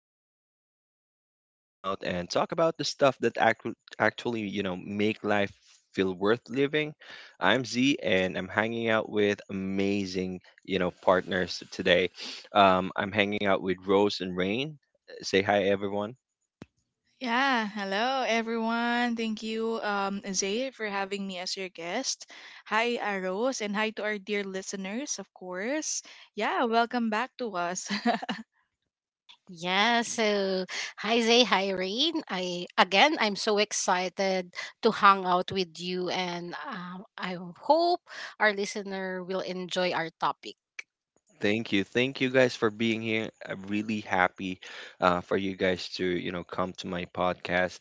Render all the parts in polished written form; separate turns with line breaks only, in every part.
where we slow down, zoom out, and talk about the stuff that actually, make life feel worth living. I'm Z, and I'm hanging out with amazing, partners today. I'm hanging out with Rose and Rain. Say hi, everyone.
Yeah, hello everyone. Thank you, Zay, for having me as your guest. Hi, Aros, and hi to our dear listeners, of course. Yeah, welcome back to us.
Yeah, so hi Zay, hi Rain. I'm so excited to hang out with you, and I hope our listener will enjoy our topic.
Thank you. Thank you guys for being here. I'm really happy for you guys to, come to my podcast.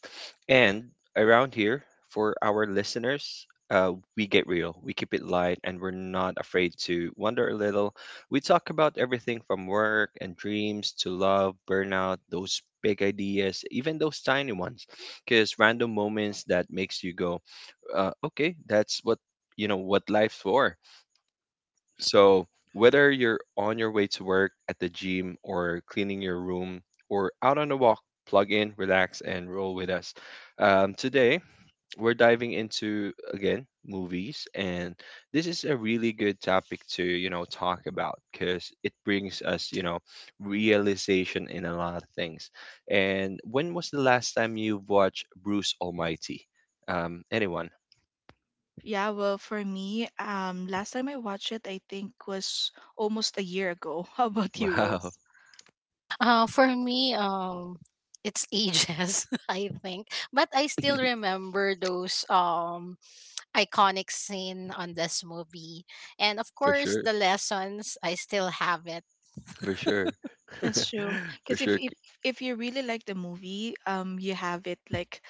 And around here, for our listeners, we get real. We keep it light and we're not afraid to wonder a little. We talk about everything from work and dreams to love, burnout, those big ideas, even those tiny ones. Because random moments that makes you go, okay, that's what, you know, what life's for. So, whether you're on your way to work, at the gym, or cleaning your room, or out on a walk, plug in, relax, and roll with us. Today, we're diving into again movies, and this is a really good topic to talk about, because it brings us realization in a lot of things. And when was the last time you watched Bruce Almighty? Anyone?
Yeah, well, for me, last time I watched it, I think was almost a year ago. How about you,
Wow,
Rose?
For me, it's ages, I think, but I still remember those iconic scene on this movie, and of
for
course
sure,
the lessons. I still have it.
for sure.
That's true.
For
Because
sure.
if you really like the movie, you have it like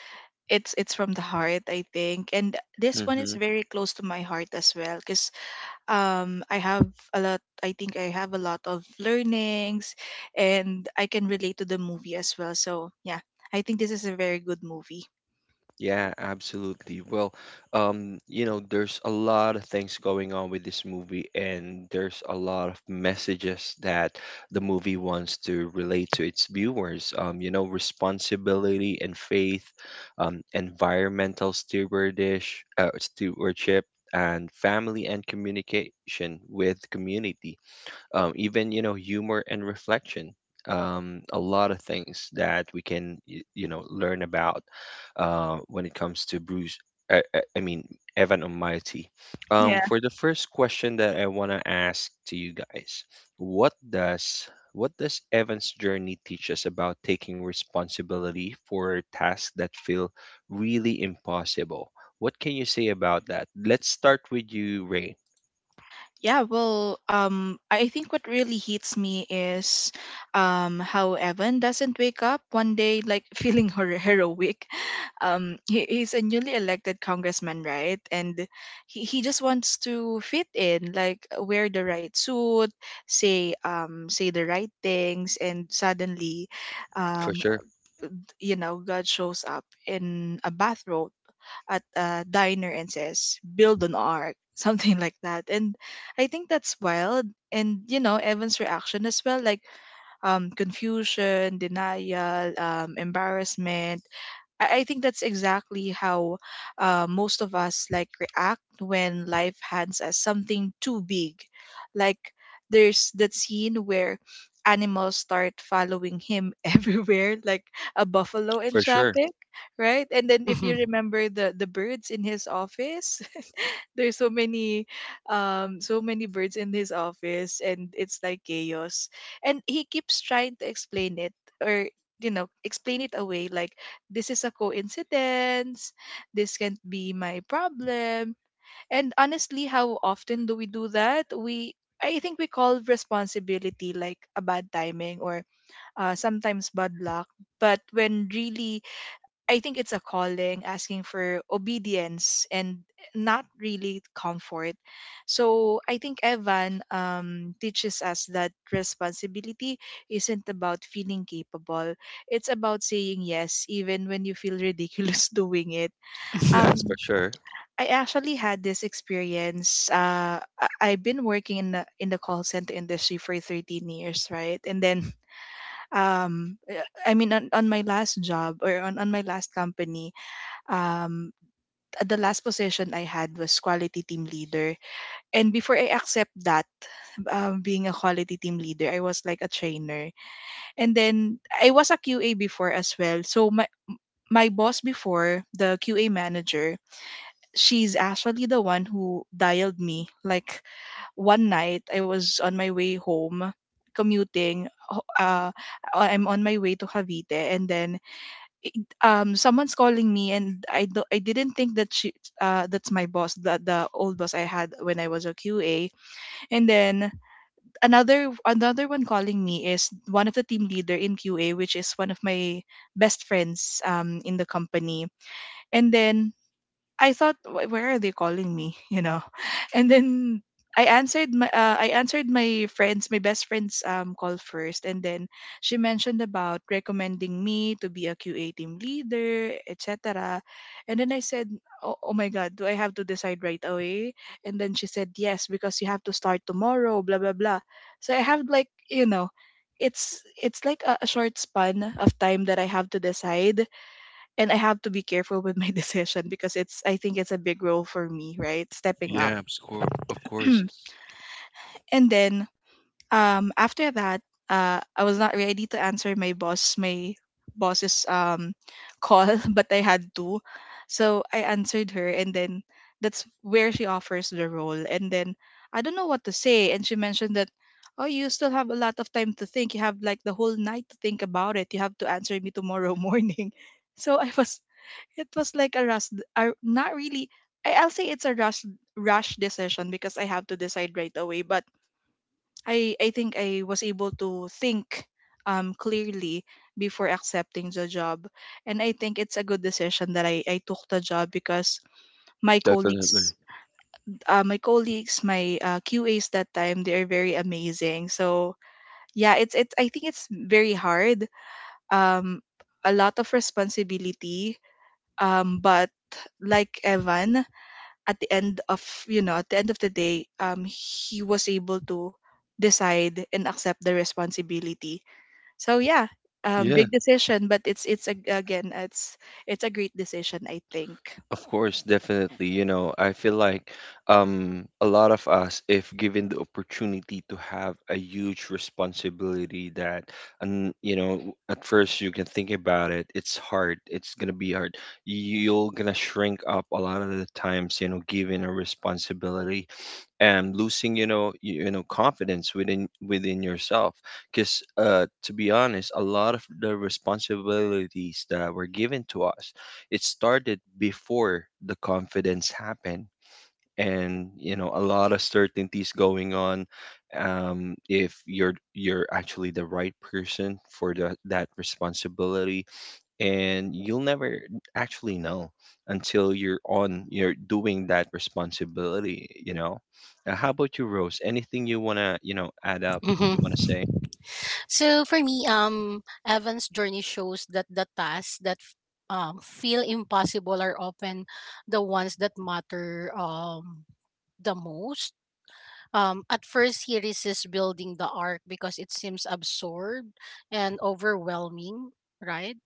it's from the heart, I think. And this one is
Mm-hmm.
very close to my heart as well. Because I have a lot I think I have a lot of learnings, and I can relate to the movie as well. So yeah, I think this is a very good movie.
Yeah, absolutely. Well, there's a lot of things going on with this movie, and there's a lot of messages that the movie wants to relate to its viewers. Responsibility and faith, environmental stewardship, and family and communication with community. Even humor and reflection, a lot of things that we can learn about, when it comes to Bruce, I mean Evan Almighty. For the first question that I want to ask to you guys, what does what does Evan's journey teach us about taking responsibility for tasks that feel really impossible? What can you say about that? Let's start with you, Ray.
Yeah, well, I think what really hits me is how Evan doesn't wake up one day like feeling heroic. He's a newly elected congressman, right? And he just wants to fit in, like wear the right suit, say the right things, and suddenly,
For
um,
sure.
you know, God shows up in a bathrobe at a diner and says, build an ark, something like that. And I think that's wild. And, you know, Evan's reaction as well, like confusion, denial, embarrassment. I think that's exactly how most of us like react when life hands us something too big. Like there's that scene where animals start following him everywhere, like a buffalo in
For sure.
traffic, right? And then if you
Mhm.
remember the birds in his office, there's so many so many birds in his office, and it's like chaos, and he keeps trying to explain it, or you know, explain it away like this is a coincidence, this can't be my problem. And honestly, how often do we do that? We, I think we call responsibility like a bad timing or sometimes bad luck, but when really I think it's a calling asking for obedience and not really comfort. So I think Evan teaches us that responsibility isn't about feeling capable. It's about saying yes even when you feel ridiculous doing it.
That's
Um,
for sure.
I actually had this experience. I've been working in the call center industry for 13 years, right? And then um, I mean on my last job or on my last company, um at the last position I had was quality team leader, and before I accept that, being a quality team leader, I was like a trainer, and then I was a QA before as well. So my boss before, the QA manager, she's actually the one who dialed me. Like one night I was on my way home commuting, I'm on my way to Cavite, and then someone's calling me, and I I didn't think that she, that's my boss, the old boss I had when I was a QA. And then another one calling me is one of the team leader in QA, which is one of my best friends in the company. And then I thought, "Wh- where are they calling me?" You know. And then I answered my friends, my best friend's call first, and then she mentioned about recommending me to be a QA team leader, etc. And then I said, oh, oh my God, do I have to decide right away? And then she said, yes, because you have to start tomorrow, blah blah blah. So I have, like, you know, it's like a short span of time that I have to decide, and I have to be careful with my decision, because it's, I think it's a big role for me, right? Stepping up.
Yeah, of course,
And then after that, I was not ready to answer my boss, my boss's call, but I had to. So I answered her, and then that's where she offers the role. And then I don't know what to say, and she mentioned that, oh, you still have a lot of time to think. You have like the whole night to think about it. You have to answer me tomorrow morning. So I was, it was like a rush, not really. I'll say it's a rush, rush decision because I have to decide right away. But I think I was able to think clearly before accepting the job, and I think it's a good decision that I took the job because my
definitely.
colleagues, my colleagues, my QAs that time, they are very amazing. So yeah, it's it's. I think it's very hard. Um, a lot of responsibility. But like Evan, at the end of, you know, at the end of the day, he was able to decide and accept the responsibility. So yeah,
Yeah,
big decision, but again, it's a great decision, I think.
of course, definitely. I feel like a lot of us, if given the opportunity to have a huge responsibility that, and at first you can think about it, it's hard. It's gonna be hard. You're gonna shrink up a lot of the times, given a responsibility. And losing confidence within yourself, because to be honest, a lot of the responsibilities that were given to us, it started before the confidence happened. And a lot of certainties going on, if you're actually the right person for that responsibility. And you'll never actually know until you're doing that responsibility. Now, how about you, Rose? Anything you want to add up?
Mhm. Mhm.
You want to say?
So for me, Evan's journey shows that the tasks that feel impossible are often the ones that matter the most. At first, he resists building the ark because it seems absurd and overwhelming, right?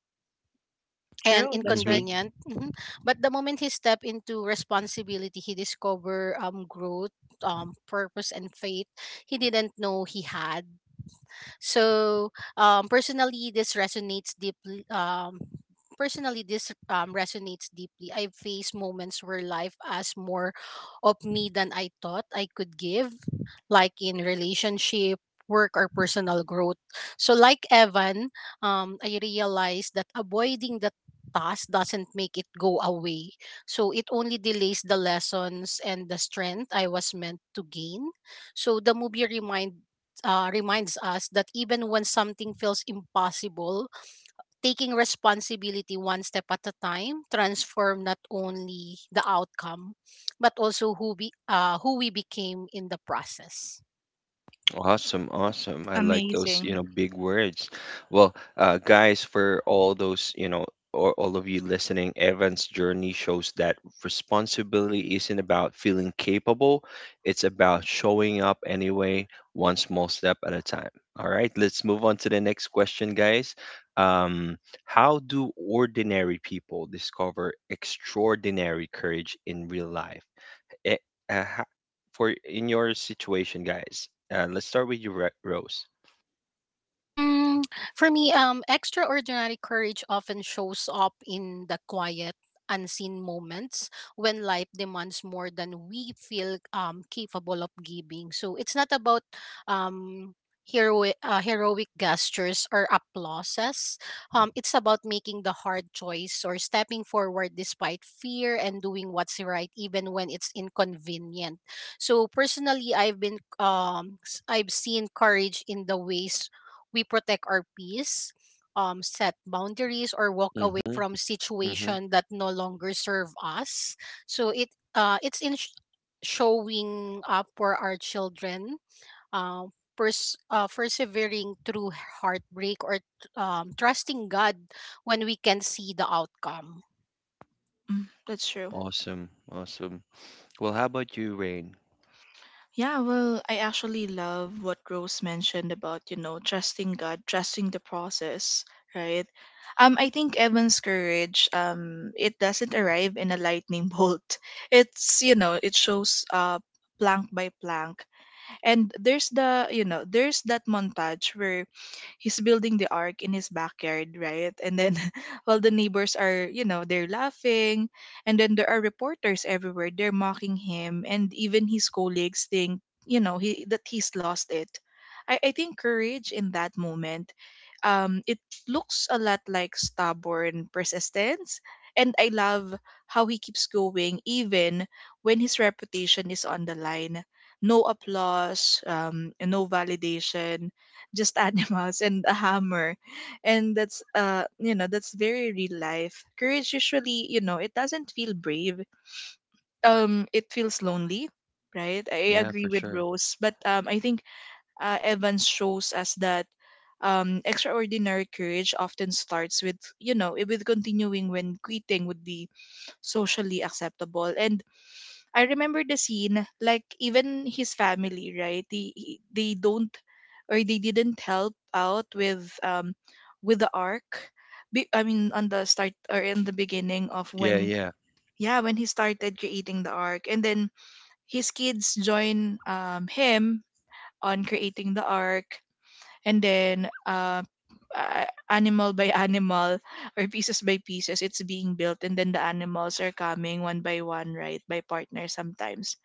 And
True, that's right.
inconvenient. Mhm. But the moment he stepped into responsibility, he discovered growth, purpose, and faith he didn't know he had, so personally, this resonates deeply. I've faced moments where life asked more of me than I thought I could give, like in relationship, work, or personal growth. So, like Evan, I realized that avoiding the task doesn't make it go away. So it only delays the lessons and the strength I was meant to gain. So the movie reminded reminds us that even when something feels impossible, taking responsibility one step at a time transform not only the outcome but also who we became in the process.
Awesome, awesome. I like those,
Amazing.
big words. Well, guys, for all those, or all of you listening, Evan's journey shows that responsibility isn't about feeling capable, it's about showing up anyway, one small step at a time. All right, let's move on to the next question, guys. Um, how do ordinary people discover extraordinary courage in real life? eh, uh, ha- for in your situation, guys. Let's start with you, Rose.
Mm, for me, extraordinary courage often shows up in the quiet, unseen moments when life demands more than we feel capable of giving. So it's not about um, heroic gestures or applauses. It's about making the hard choice or stepping forward despite fear and doing what's right, even when it's inconvenient. So personally, I've seen courage in the ways we protect our peace, set boundaries, or walk away
Mm-hmm.
from
Mm-hmm.
situation that no longer serve us. So it's in showing up for our children, persevering through heartbreak, or trusting God when we can see the outcome.
Mm, that's true.
Awesome. Awesome. Well, how about you, Rain?
Yeah, well, I actually love what Rose mentioned about, you know, trusting God, trusting the process, right? I think Evan's courage, it doesn't arrive in a lightning bolt. It's, you know, it shows plank by plank. And there's the, you know, there's that montage where he's building the ark in his backyard, right? And then while the neighbors are, you know, they're laughing, and then there are reporters everywhere, they're mocking him, and even his colleagues think, you know, he that he's lost it. I think courage in that moment, it looks a lot like stubborn persistence. And I love how he keeps going even when his reputation is on the line. No applause, and no validation, just animals and a hammer. And that's you know, that's very real life. Courage usually, you know, it doesn't feel brave. It feels lonely, right? I
Yeah,
agree
for
with
sure.
Rose, but I think Evans shows us that extraordinary courage often starts with, you know, with continuing when quitting would be socially acceptable. And I remember the scene, like even his family, right? They don't, or they didn't help out with the arc. I mean, on the start or in the beginning of
Yeah,
when,
yeah,
yeah, when he started creating the arc, and then his kids join him on creating the arc. And then uh animal by animal, or pieces by pieces, it's being built, and then the animals are coming one by one, right, by partner sometimes.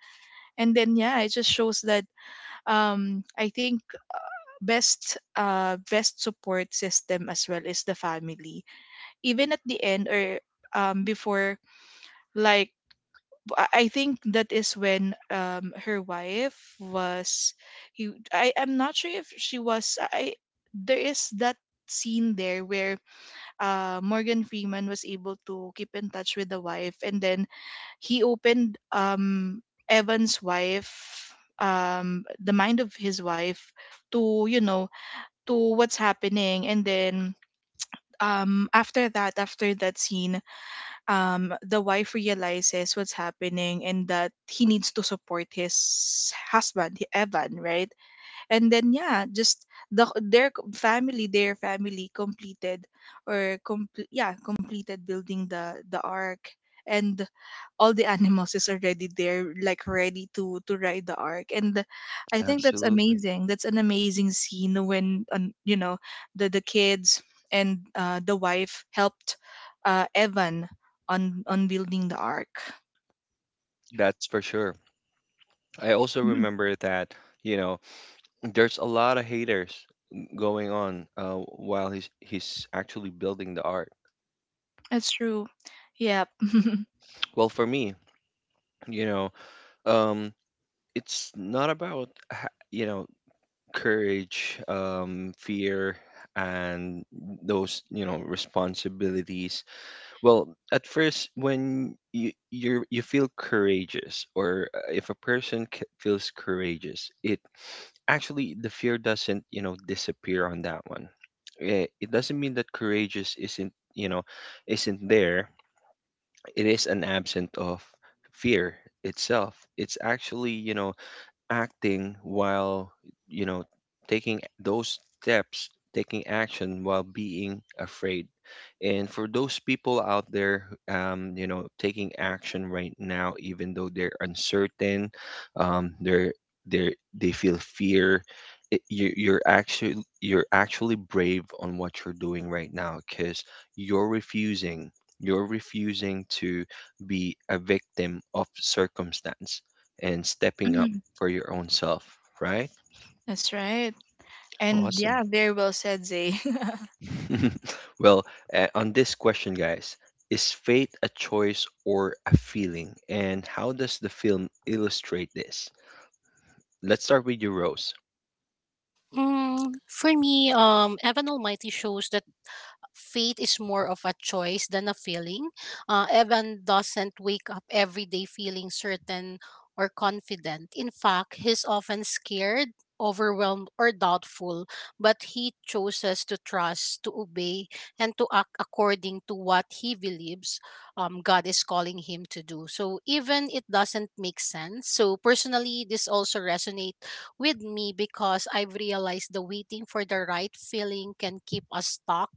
And then yeah, it just shows that, I think, best best support system as well is the family. Even at the end or before, like I think that is when her wife was, he I, I'm not sure if she was. I There is that scene there where Morgan Freeman was able to keep in touch with the wife, and then he opened Evan's wife, the mind of his wife, to, you know, to what's happening. And then after that scene, the wife realizes what's happening and that he needs to support his husband, Evan, right? And then, yeah, just family, their family, completed, or complete, yeah, completed building the ark. And all the animals is already there, like ready to ride the ark. And I think that's
absolutely.
amazing, that's an amazing scene when, you know, the kids and the wife helped Evan on building the ark.
That's for sure. I also
Mhm.
remember that, you know, there's a lot of haters going on, while he's actually building the art.
That's true. Yep.
Well, for me, you know, um, it's not about courage, fear, and those responsibilities. Well, at first, when you feel courageous, or if a person feels courageous, it actually the fear doesn't disappear on that one. It doesn't mean that courageous isn't you know isn't there. It is an absent of fear itself. It's actually acting while, you know, taking those steps, taking action while being afraid. And for those people out there, taking action right now, even though they're uncertain, um, they're they they feel fear. It, you, you're actually brave on what you're doing right now, because you're refusing you're refusing to be a victim of circumstance and stepping up
Mhm.
for your own self, right?
That's right. And
Awesome.
yeah, very well said, Zay.
Well, on this question, guys, is fate a choice or a feeling? And how does the film illustrate this? Let's start with you, Rose.
Mm, for me, Evan Almighty shows that faith is more of a choice than a feeling. Evan doesn't wake up every day feeling certain or confident. In fact, he's often scared, overwhelmed, or doubtful, but he chooses to trust, to obey, and to act according to what he believes God is calling him to do. So even it doesn't make sense. So personally, this also resonates with me because I've realized the waiting for the right feeling can keep us stuck,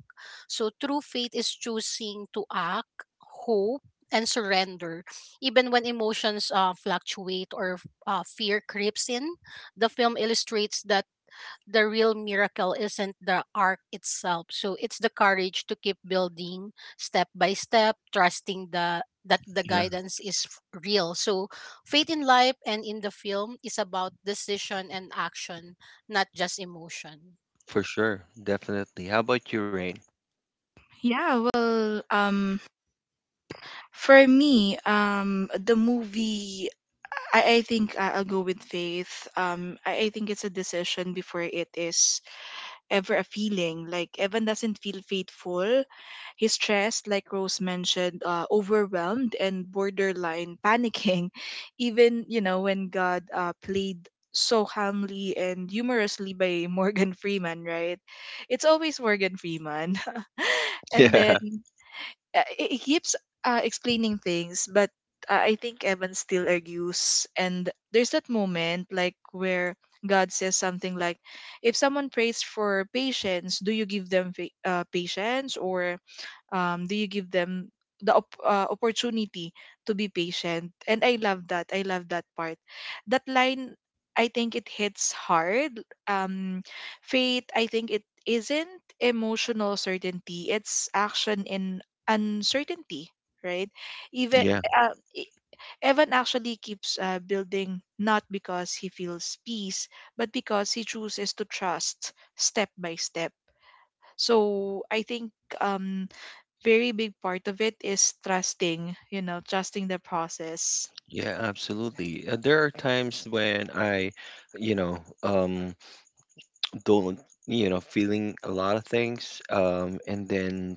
so true faith is choosing to act, hope, and surrender, even when emotions fluctuate or fear creeps in. The film illustrates that the real miracle isn't the arc itself. So it's the courage to keep building step by step, trusting the that the
Yeah,
guidance is real. So faith in life and in the film is about decision and action, not just emotion.
for sure. Definitely. How about you, Rain?
Yeah, well, for me, the movie, I think I'll go with faith. I think it's a decision before it is ever a feeling. Like Evan doesn't feel faithful. He's stressed, like Rose mentioned, overwhelmed and borderline panicking. Even, you know, when God played so calmly and humorously by Morgan Freeman, right? It's always Morgan Freeman. And
Yeah.
then he keeps explaining things, but I think Evan still argues. And there's that moment like where God says something like, "If someone prays for patience, do you give them patience, or do you give them opportunity to be patient?" And I love that, I love that part, that line. I think it hits hard. um Faith, I think, it isn't emotional certainty, it's action in uncertainty, right? Even
Yeah,
uh, e- Evan actually keeps building not because he feels peace, but because he chooses to trust step by step. So I think, um very big part of it is trusting, you know, trusting the process.
yeah, absolutely. There are times when you know, um, don't feeling a lot of things, and then,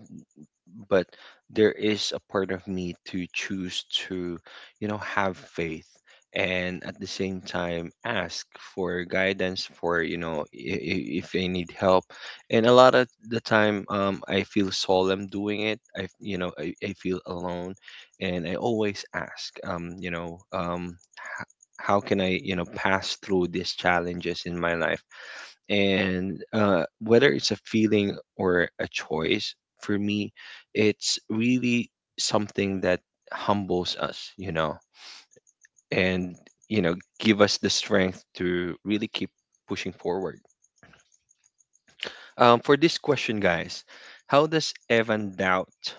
but there is a part of me to choose to have faith, and at the same time ask for guidance, for if I need help. And a lot of the time, I feel solemn doing it. I f- you know I, I feel alone, and I always ask, how can I pass through these challenges in my life. And, whether it's a feeling or a choice, for me it's really something that humbles us, and you know give us the strength to really keep pushing forward. For this question, guys, how does Evan doubt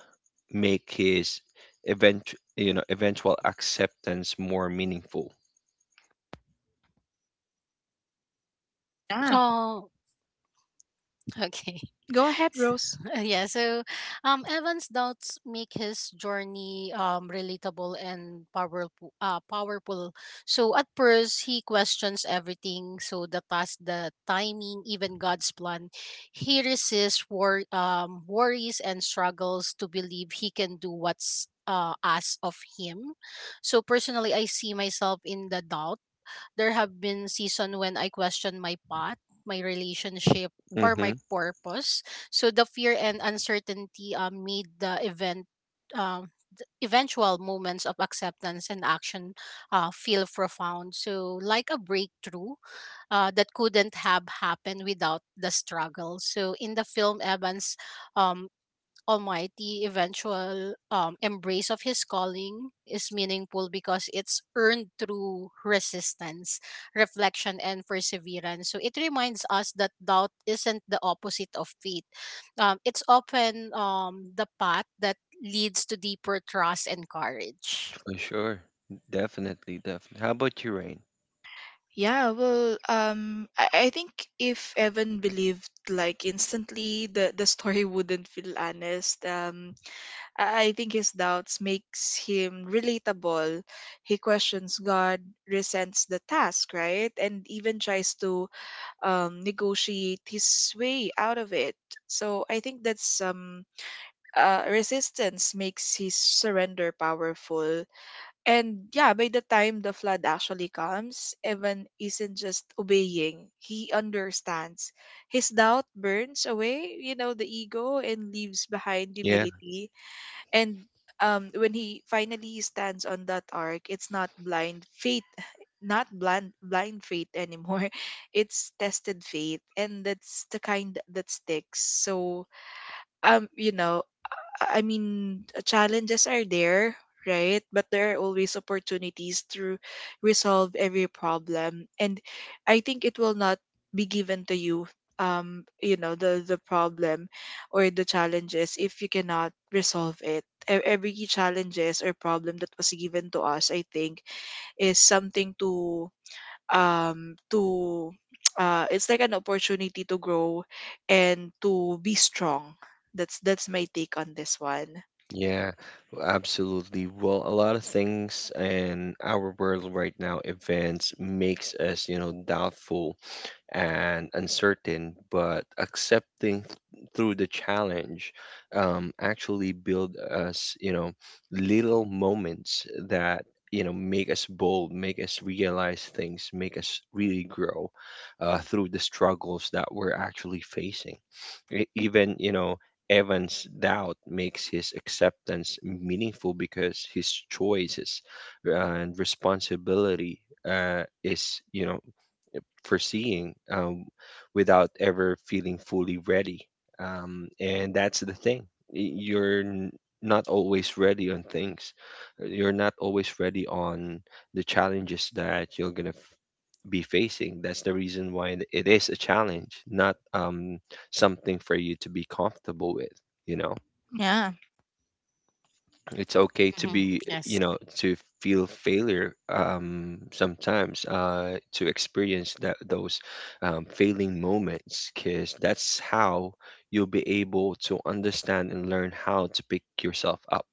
make his eventual acceptance more meaningful?
Yeah.
Oh, okay.
Go ahead,
S-
Rose.
yeah, so Evan's doubts make his journey relatable and powerful. So at first, he questions everything, so the past, the timing, even God's plan. He resists worries and struggles to believe he can do what's asked of him. So personally, I see myself in the doubt. There have been season when I question my path, my relationship, or
Hmm.
my purpose. So the fear and uncertainty made the um, eventual moments of acceptance and action feel profound. So like a breakthrough that couldn't have happened without the struggle. So in the film, Evan's um, Almighty eventual embrace of his calling is meaningful because it's earned through resistance, reflection, and perseverance. So it reminds us that doubt isn't the opposite of faith. It's often the path that leads to deeper trust and courage.
For sure. Definitely, definitely. How about you, Rain?
Yeah, well, I think if Evan believed like instantly, the story wouldn't feel honest. I think his doubts makes him relatable. He questions God, resents the task, right, and even tries to negotiate his way out of it. So I think that's resistance makes his surrender powerful. And yeah, by the time the flood actually comes, Evan isn't just obeying, he understands. His doubt burns away, the ego and leaves behind
Yeah,
humility. And when he finally stands on that ark, it's not blind faith, not blind faith anymore. It's tested faith, and that's the kind that sticks. So um, you know, I mean, challenges are there, right? But there are always opportunities to resolve every problem. And I think it will not be given to you, the problem or the challenges if you cannot resolve it. Every challenges or problem that was given to us, I think, is something to, it's like an opportunity to grow and to be strong. That's my take on this one.
yeah, absolutely. Well, a lot of things in our world right now, events makes us, doubtful and uncertain, but accepting through the challenge, actually build us, little moments that, make us bold, make us realize things, make us really grow, through the struggles that we're actually facing. Even, Evan's doubt makes his acceptance meaningful because his choices, and responsibility, is, foreseeing, without ever feeling fully ready. And that's the thing. You're not always ready on things. You're not always ready on the challenges that you're going to be facing. That's the reason why it is a challenge, not something for you to be comfortable with, you know?
Yeah.
It's okay to
Hmm.
be you
Yes.
know to feel failure, sometimes, to experience that those failing moments, because that's how you'll be able to understand and learn how to pick yourself up.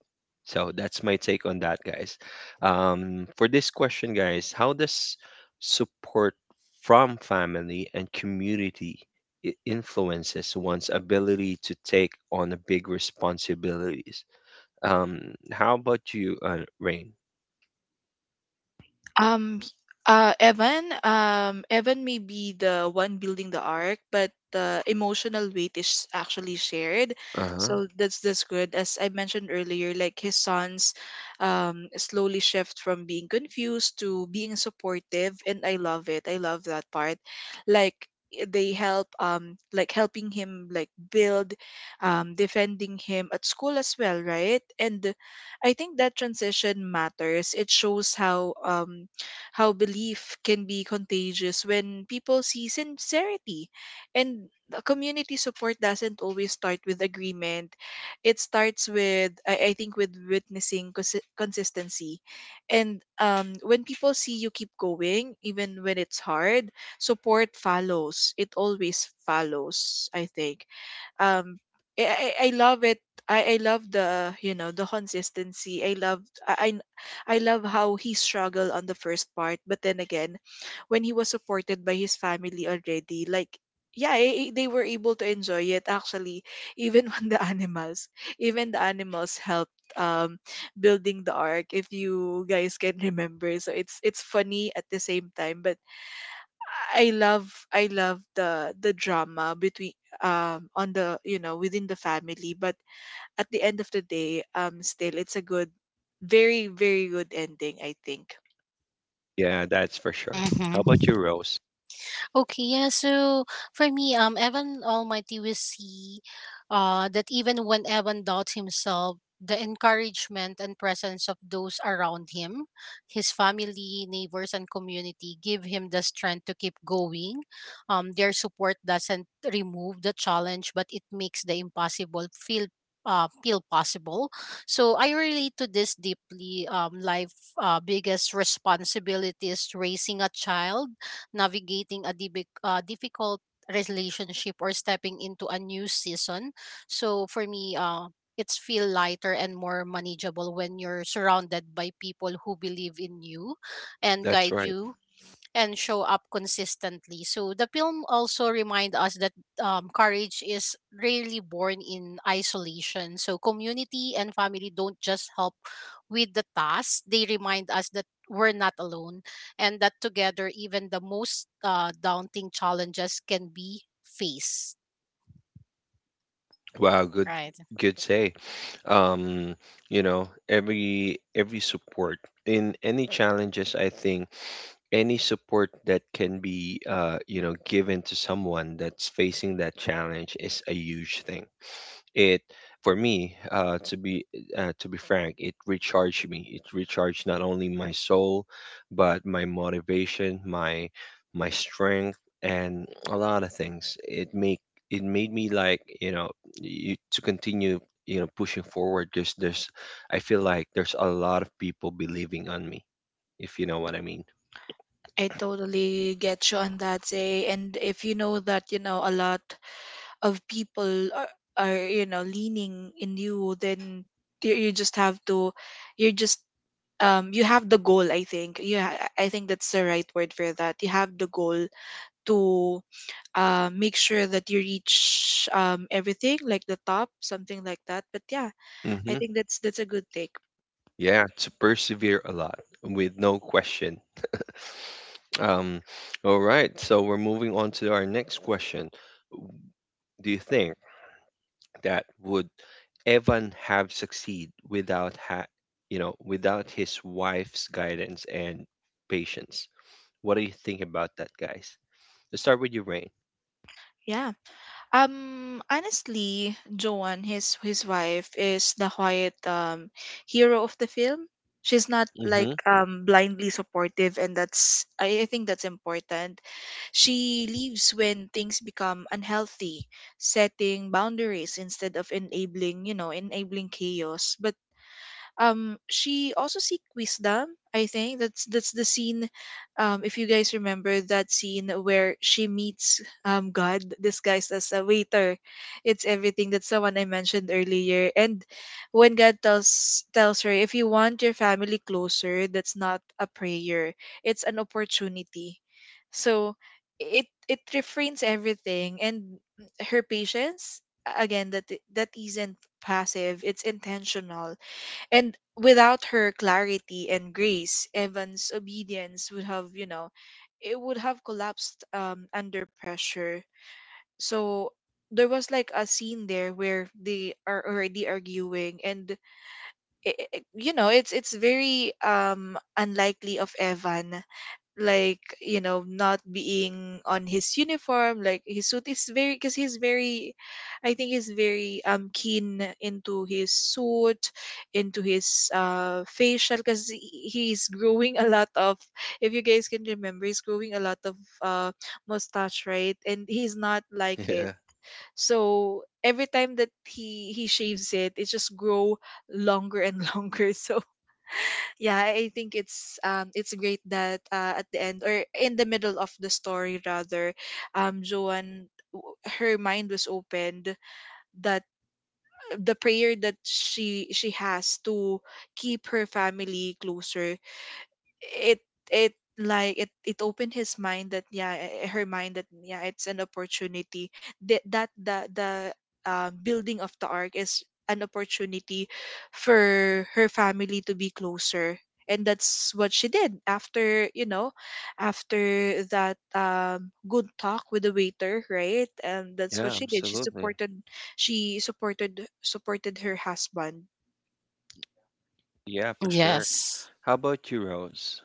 So that's my take on that, guys. For this question, guys, how does support from family and community influences one's ability to take on a big responsibilities? How about you, Rain?
Um, Evan, Evan may be the one building the arc, but the emotional weight is actually shared.
Uh-huh.
So that's good. As I mentioned earlier, like his sons, slowly shift from being confused to being supportive, and I love it. I love that part. Like they help, like helping him like build, defending him at school as well, right? And I think that transition matters. It shows how belief can be contagious when people see sincerity. And the community support doesn't always start with agreement. It starts with, I think, with witnessing consistency. And when people see you keep going, even when it's hard, support follows. It always follows, I think um I love it. I love the the consistency. I I love how he struggled on the first part, but then again, when he was supported by his family already, like yeah, they were able to enjoy it actually, even when the animals, even the animals helped building the ark. If you guys can remember, so it's funny at the same time, but I love the drama between on the within the family, but at the end of the day, still it's a good very good ending I think.
Yeah, that's for sure.
Hmm.
How about you, Rose?
Okay, yeah. So for me, Evan Almighty will see, that even when Evan doubts himself, the encouragement and presence of those around him, his family, neighbors, and community, give him the strength to keep going. Their support doesn't remove the challenge, but it makes the impossible feel. Feel possible. So I relate to this deeply. Life biggest responsibility is raising a child, navigating a difficult relationship, or stepping into a new season. So for me, it's feel lighter and more manageable when you're surrounded by people who believe in you and
That's
guide
right.
you and show up consistently. So the film also remind us that courage is rarely born in isolation. So community and family don't just help with the task; they remind us that we're not alone, and that together, even the most daunting challenges can be faced.
Wow, good,
Right.
good say. Um, every support in any challenges, I think any support that can be, given to someone that's facing that challenge is a huge thing. It for me, to be frank, it recharged me. It recharged not only my soul, but my motivation, my strength, and a lot of things. It made me like to continue pushing forward. There's I feel like there's a lot of people believing on me, if you know what I mean.
I totally get you on that say, and if you know that you know a lot of people are you know leaning in you, then you just have to you're just you have the goal I think. I think that's the right word for that. You have the goal to make sure that you reach everything like the top, something like that, but yeah, I
Hmm.
think that's a good take.
Yeah, to persevere a lot, with no question. Um, all right, so we're moving on to our next question. Do you think that would Evan have succeed without ha- you know without his wife's guidance and patience? What do you think about that, guys? Let's start with you, Rain.
Yeah. Honestly, Joan, his wife is the quiet hero of the film. She's not like
Mm-hmm.
blindly supportive, and that's, I think that's important. She leaves when things become unhealthy, setting boundaries instead of enabling, you know, enabling chaos. But she also seek wisdom. I think that's the scene. If you guys remember that scene where she meets God disguised as a waiter, it's everything. That's the one I mentioned earlier. And when God tells her, if you want your family closer, that's not a prayer. It's an opportunity. So it refrains everything. And her patience, again, that isn't passive, it's intentional. And without her clarity and grace, Evan's obedience would have, you know, it would have collapsed under pressure. So there was like a scene there where they are already arguing, and I you know, it's very unlikely of Evan, like you know, not being on his uniform, like his suit is very, because he's very, I think he's very keen into his suit, into his facial, because he's growing a lot of, if you guys can remember, he's growing a lot of uh mustache, right? And he's not like it.
Yeah.
So every time that he shaves it, it just grow longer and longer. So yeah, I think it's great that at the end or in the middle of the story rather, Joanne, her mind was opened, that the prayer that she has to keep her family closer, it it like it opened his mind that yeah, her mind that yeah, it's an opportunity, that the building of the ark is an opportunity for her family to be closer. And that's what she did after, you know, after that, good talk with the waiter, right? And that's what
Yeah,
she did, she
absolutely.
supported her husband.
Yeah, for sure.
Yes.
How about you, Rose?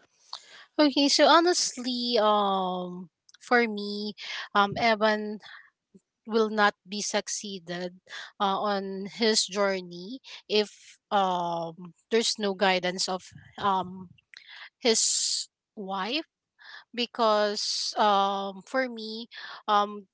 Okay. So honestly, for me, Evan will not be succeeded on his journey if there's no guidance of um his wife. Because for me, um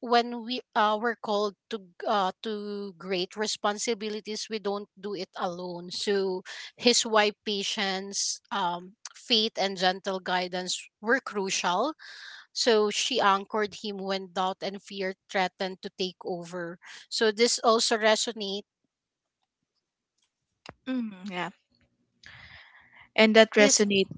when we were called to to great responsibilities, we don't do it alone. So his wife patience, faith, and gentle guidance were crucial, so she anchored him when doubt and fear threatened to take over. So this also resonates,
Hmm, yeah, and that
this,
resonate.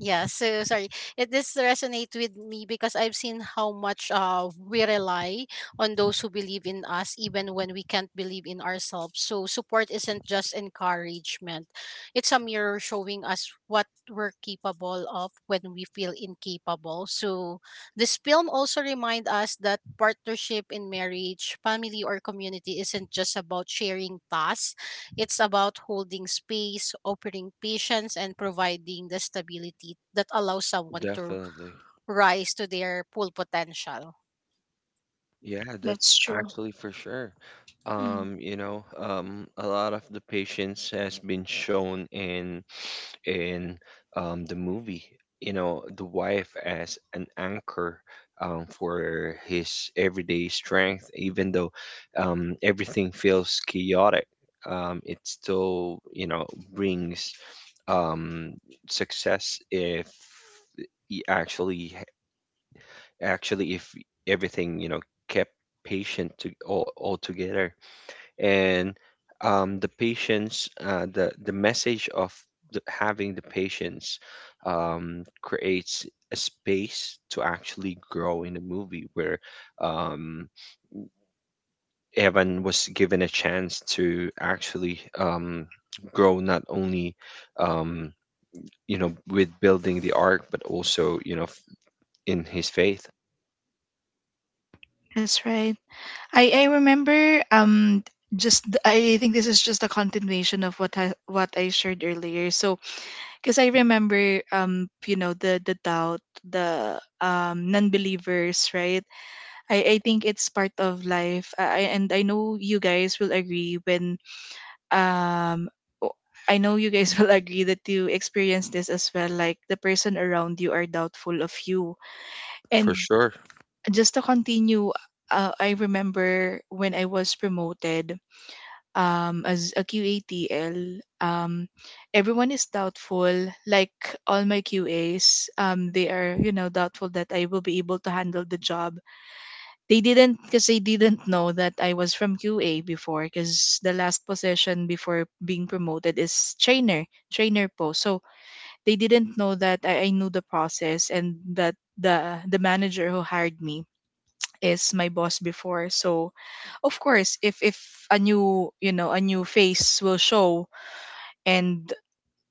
yeah, so sorry, it this resonate with me because I've seen how much we rely on those who believe in us even when we can't believe in ourselves. So support isn't just encouragement, it's a mirror showing us what we're capable of when we feel incapable. So this film also remind us that partnership in marriage, family, or community isn't just about sharing tasks; it's about holding space, offering patience, and providing the stability that allows someone to
Definitely.
rise to their full potential.
Yeah,
That's
that's
true.
actually for sure.
Mm-hmm.
A lot of the patience has been shown in the movie. The wife as an anchor, for his everyday strength, even though everything feels chaotic. It still, brings um, success, if he if everything, kept patient to all together, and the patience, the message of having the patience, creates a space to actually grow in the movie, where um, Evan was given a chance to actually grow not only um, with building the ark, but also in his faith.
That's right. I remember I think this is just a continuation of what I shared earlier. So because I remember, you know, the doubt, the non-believers, right? I think it's part of life. And I know you guys will agree when um. o- I know you guys will agree that you experience this as well. Like the person around you are doubtful of you,
For
and
sure.
just to continue, I remember when I was promoted as a QATL, everyone is doubtful. Like all my QAs, they are, you know, doubtful that I will be able to handle the job. They didn't, because they didn't know that I was from QA before. Because the last position before being promoted is trainer post. So they didn't know that I knew the process, and that the manager who hired me is my boss before. So of course, if a new, you know, a new face will show, and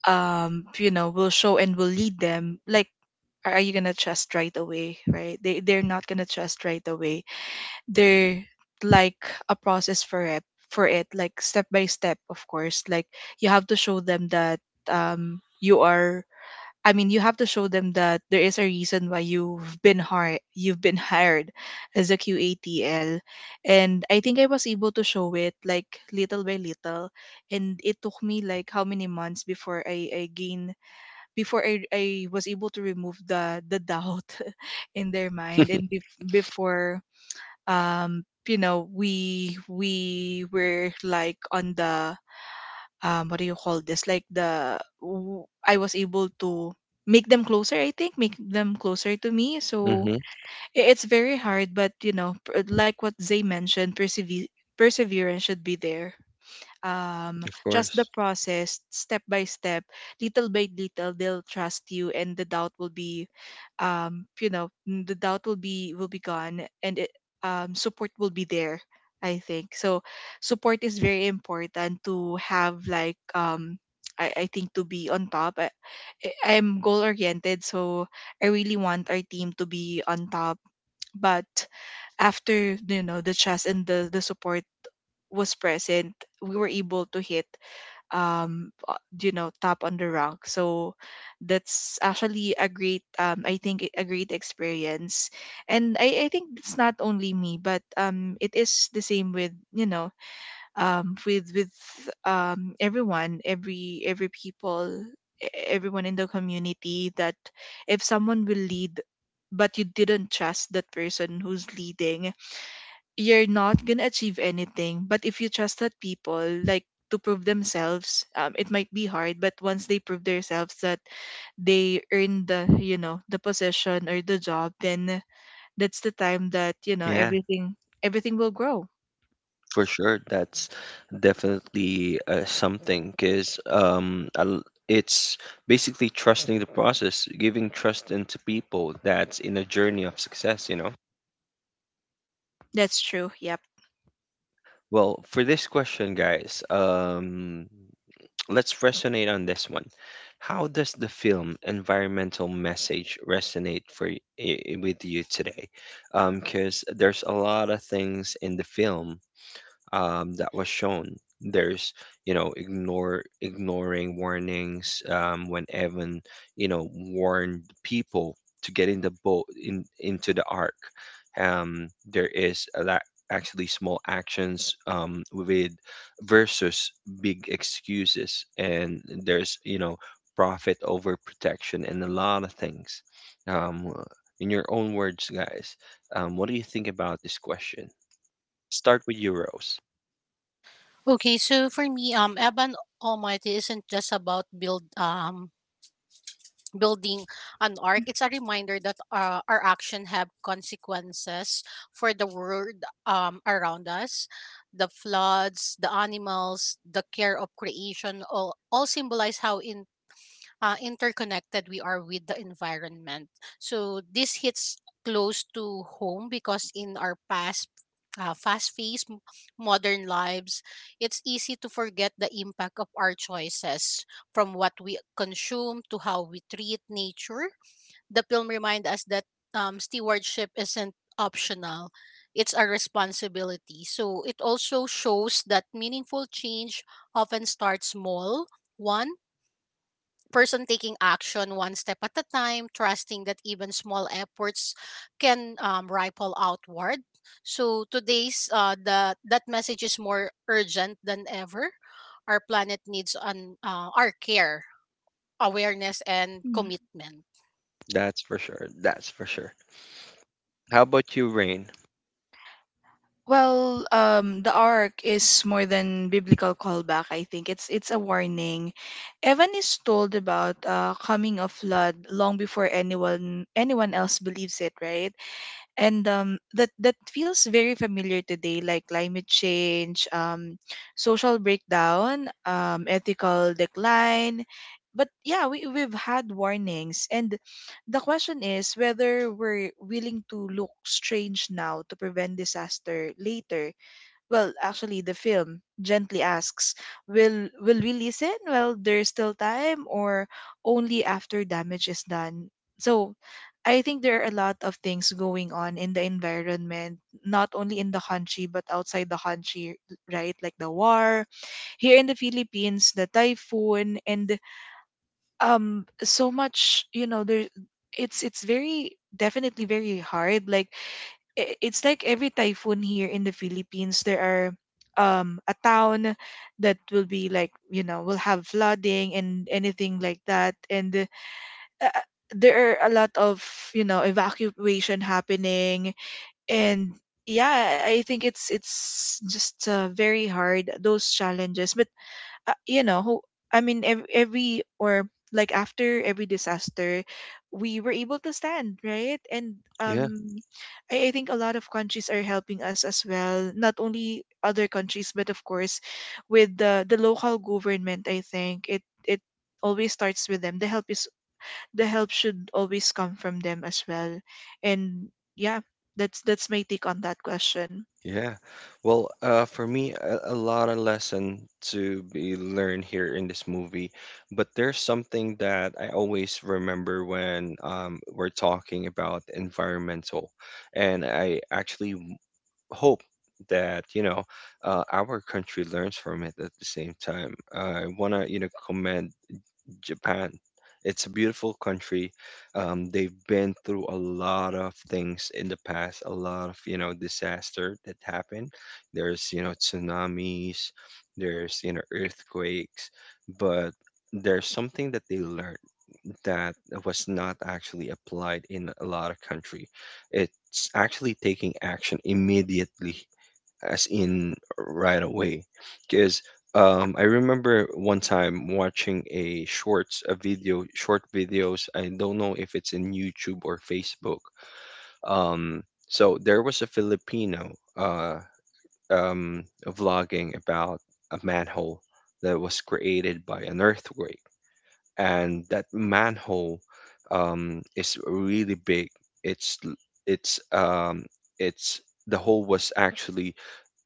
you know, will show and will lead them, like are you gonna trust right away, right? They, they're not gonna trust right away. They're like a process for it like step by step, of course. Like you have to show them that you are, I mean, you have to show them that there is a reason why you've been hired. You've been hired as a QATL, and I think I was able to show it like little by little, and it took me like how many months before I gain, before I was able to remove the doubt in their mind. And before, you know, we were like on the what do you call this, like I was able to make them closer, I think, make them closer to me. So
Hmm.
it's very hard, but you know, like what Zay mentioned, perseverance should be there.
Of
Trust
course.
the process, step by step, little by little, they'll trust you, and the doubt will be, you know, the doubt will be gone, and it, support will be there, I think. So support is very important to have, like I think to be on top. I'm goal oriented, so I really want our team to be on top. But after, you know, the trust and the support was present, we were able to hit you know, top on the rank. So that's actually a great, I think a great experience. And I think it's not only me, but it is the same with, you know, with everyone, every people, everyone in the community, that if someone will lead, but you didn't trust that person who's leading, you're not gonna achieve anything. But if you trust that people, like to prove themselves, it might be hard. But once they prove themselves that they earn the, you know, the position or the job, then that's the time that you know
Yeah.
everything will grow.
For sure, that's definitely something, because it's basically trusting the process, giving trust into people that's in a journey of success, you know?
That's true. Yep.
Well, for this question, guys, let's resonate on this one. How does the film environmental message resonate for with you today? Because there's a lot of things in the film, that was shown. There's, you know, ignore ignoring warnings when Evan, you know, warned people to get in the boat in into the ark. There is a lot actually small actions with versus big excuses, and there's, you know, profit over protection and a lot of things. Um, in your own words, guys, what do you think about this question? Start with euros.
Okay, so for me, Evan Almighty isn't just about building an ark. It's a reminder that our action have consequences for the world around us. The floods, the animals, the care of creation all symbolize how interconnected we are with the environment. So this hits close to home because in our past fast-paced modern lives, it's easy to forget the impact of our choices, from what we consume to how we treat nature. The film reminds us that stewardship isn't optional; it's a responsibility. So it also shows that meaningful change often starts small, one person taking action one step at a time, trusting that even small efforts can ripple outward. So today's the that message is more urgent than ever. Our planet needs an our care, awareness, and
Mm.
commitment.
That's for sure. That's for sure. How about you, Rain?
Well, the arc is more than biblical callback. I think it's a warning. Evan is told about coming of flood long before anyone else believes it, right? And that feels very familiar today, like climate change, social breakdown, ethical decline. But yeah, we've had warnings, and the question is whether we're willing to look strange now to prevent disaster later. Well, actually, the film gently asks, will we listen while there's still time, or only after damage is done? So I think there are a lot of things going on in the environment, not only in the country but outside the country, right? Like the war here in the Philippines, the typhoon, and so much, there. It's very definitely very hard. Like it's like every typhoon here in the Philippines, there are a town that will be like, will have flooding and anything like that, and uh, uh, there are a lot of evacuation happening, and yeah, I think it's just very hard those challenges. But uh, you know, who- every or like after every disaster, we were able to stand, right? And
Yeah,
I think a lot of countries are helping us as well. Not only other countries, but of course, with the local government. I think it always starts with them. The help is the help should always come from them as well. And yeah, that's my take on that question.
yeah. Well, for me, a lot of lesson to be learned here in this movie, but there's something that I always remember when we're talking about environmental, and hope that, you know, our country learns from it at the same time. I wanna, you know, commend Japan. It's a beautiful country. They've been through a lot of things in the past, a lot of, you know, disaster that happened. There's, you know, tsunamis, there's, you know, earthquakes, but there's something that they learned that was not actually applied in a lot of country. It's actually taking action immediately, as in right away. Because I remember one time watching a shorts, a video, short videos. I don't know if it's in YouTube or Facebook. Um, so there was a Filipino uh, vlogging about a manhole that was created by an earthquake, and that manhole is really big. It's l- it's um, it's The hole was actually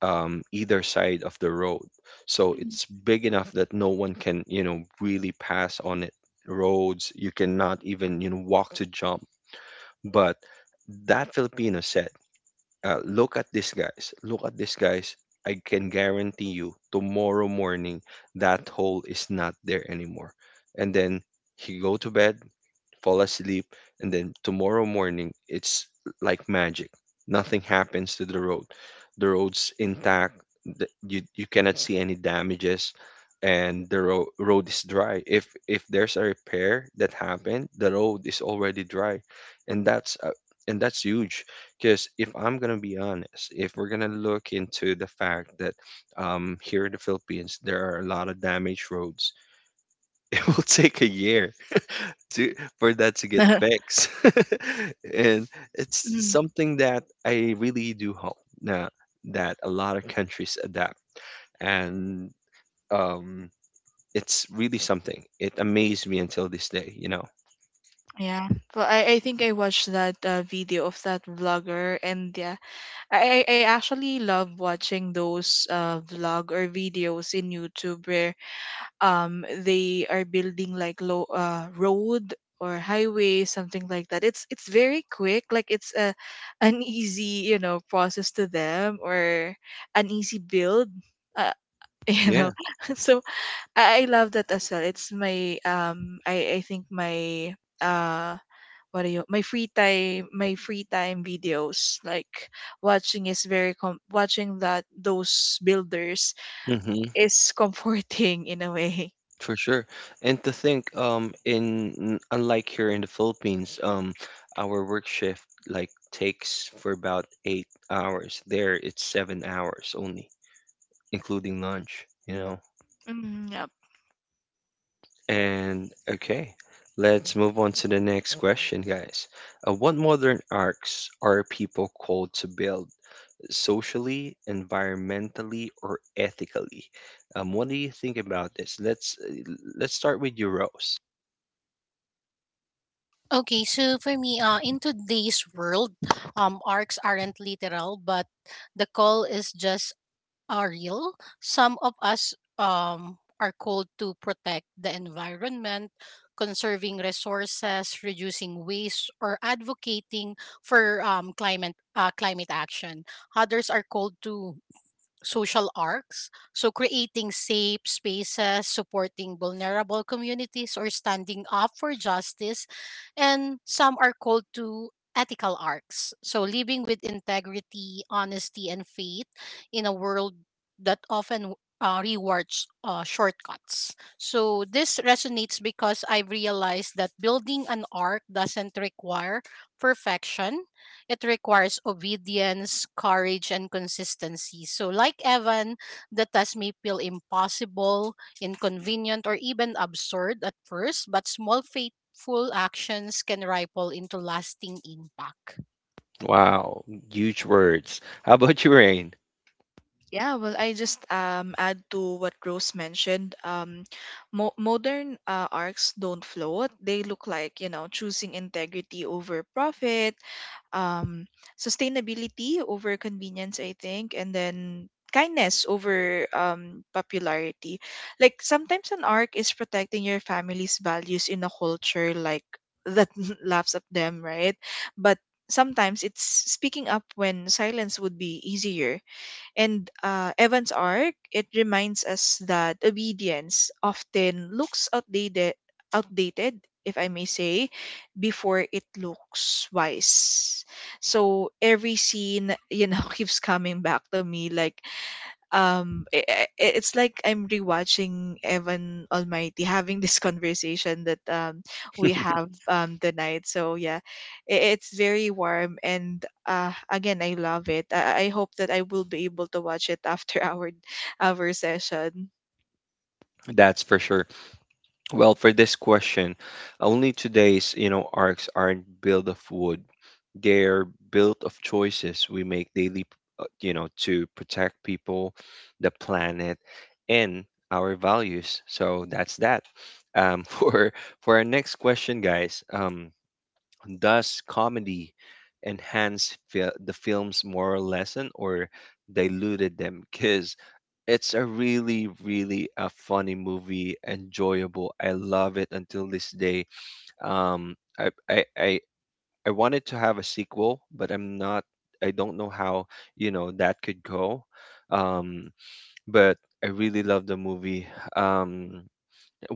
either side of the road. So it's big enough that no one can, you know, really pass on it. Roads, you cannot even, you know, walk to jump. But that Filipino said, look at these guys, look at these guys. I can guarantee you tomorrow morning that hole is not there anymore. And then he go to bed, fall asleep, and then tomorrow morning it's like magic. Nothing happens to the road. The road's intact. You, you cannot see any damages, and the road is dry. If there's a repair that happened, the road is already dry, and that's huge. Because if I'm gonna be honest, if we're gonna look into the fact that here in the Philippines there are a lot of damaged roads, it will take a year to for that to get fixed. And it's something that I really do hope now that a lot of countries adapt. And um, it's really something. It amazed me until this day, you know.
Yeah. Well, I think I watched that video of that vlogger, and yeah, I actually love watching those vlog or videos in YouTube where they are building like low road or highway, something like that. It's very quick, like it's a an easy, process to them, or an easy build. Uh, you
Yeah,
know, so I love that as well. It's my I think my uh what do you my free time, my free time videos, like watching is very watching that those builders
hmm
is comforting in a way.
for sure. And to think, unlike here in the Philippines, our work shift like takes for about 8 hours. There, it's 7 hours only, including lunch. You know.
Mm, yep.
And okay, let's move on to the next question, guys. What modern arcs are people called to build socially, environmentally, or ethically? What do you think about this? Let's start with you, Rose.
Okay, so for me, in today's world, arcs aren't literal, but the call is just are real. Some of us are called to protect the environment, conserving resources, reducing waste, or advocating for climate action. Others are called to social arcs. So, creating safe spaces, supporting vulnerable communities, or standing up for justice. And some are called to ethical arcs. So, living with integrity, honesty, and faith in a world that often rewards shortcuts. So, this resonates because I've realized that building an arc doesn't require perfection, it requires obedience, courage, and consistency. So, like Evan, the task may feel impossible, inconvenient, or even absurd at first, but small faithful actions can ripple into lasting impact.
Wow, huge words. How about you, Rain?
Yeah, well, I just add to what Rose mentioned. Modern arcs don't float. They look like, you know, choosing integrity over profit, um, sustainability over convenience, I think, and then kindness over popularity. Like sometimes an arc is protecting your family's values in a culture like that laughs at them, right? But sometimes it's speaking up when silence would be easier. And Evan's arc, it reminds us that obedience often looks outdated, outdated, if I may say, before it looks wise. So every scene, you know, keeps coming back to me like, it's like I'm rewatching Evan Almighty having this conversation that we have tonight. So yeah, it's very warm. And again, I love it. I hope that I will be able to watch it after our session.
That's for sure. Well, for this question, only today's, you know, arcs aren't built of wood. They're built of choices we make daily, you know, to protect people, the planet, and our values. So that's that. Um, for for our next question, guys, does comedy enhance the film's moral lesson or diluted them? Because it's a really really a funny movie enjoyable, I love it until this day. um i i i, I wanted to have a sequel, but I'm not. I don't know how, you know, that could go. Um, but I really love the movie. Um,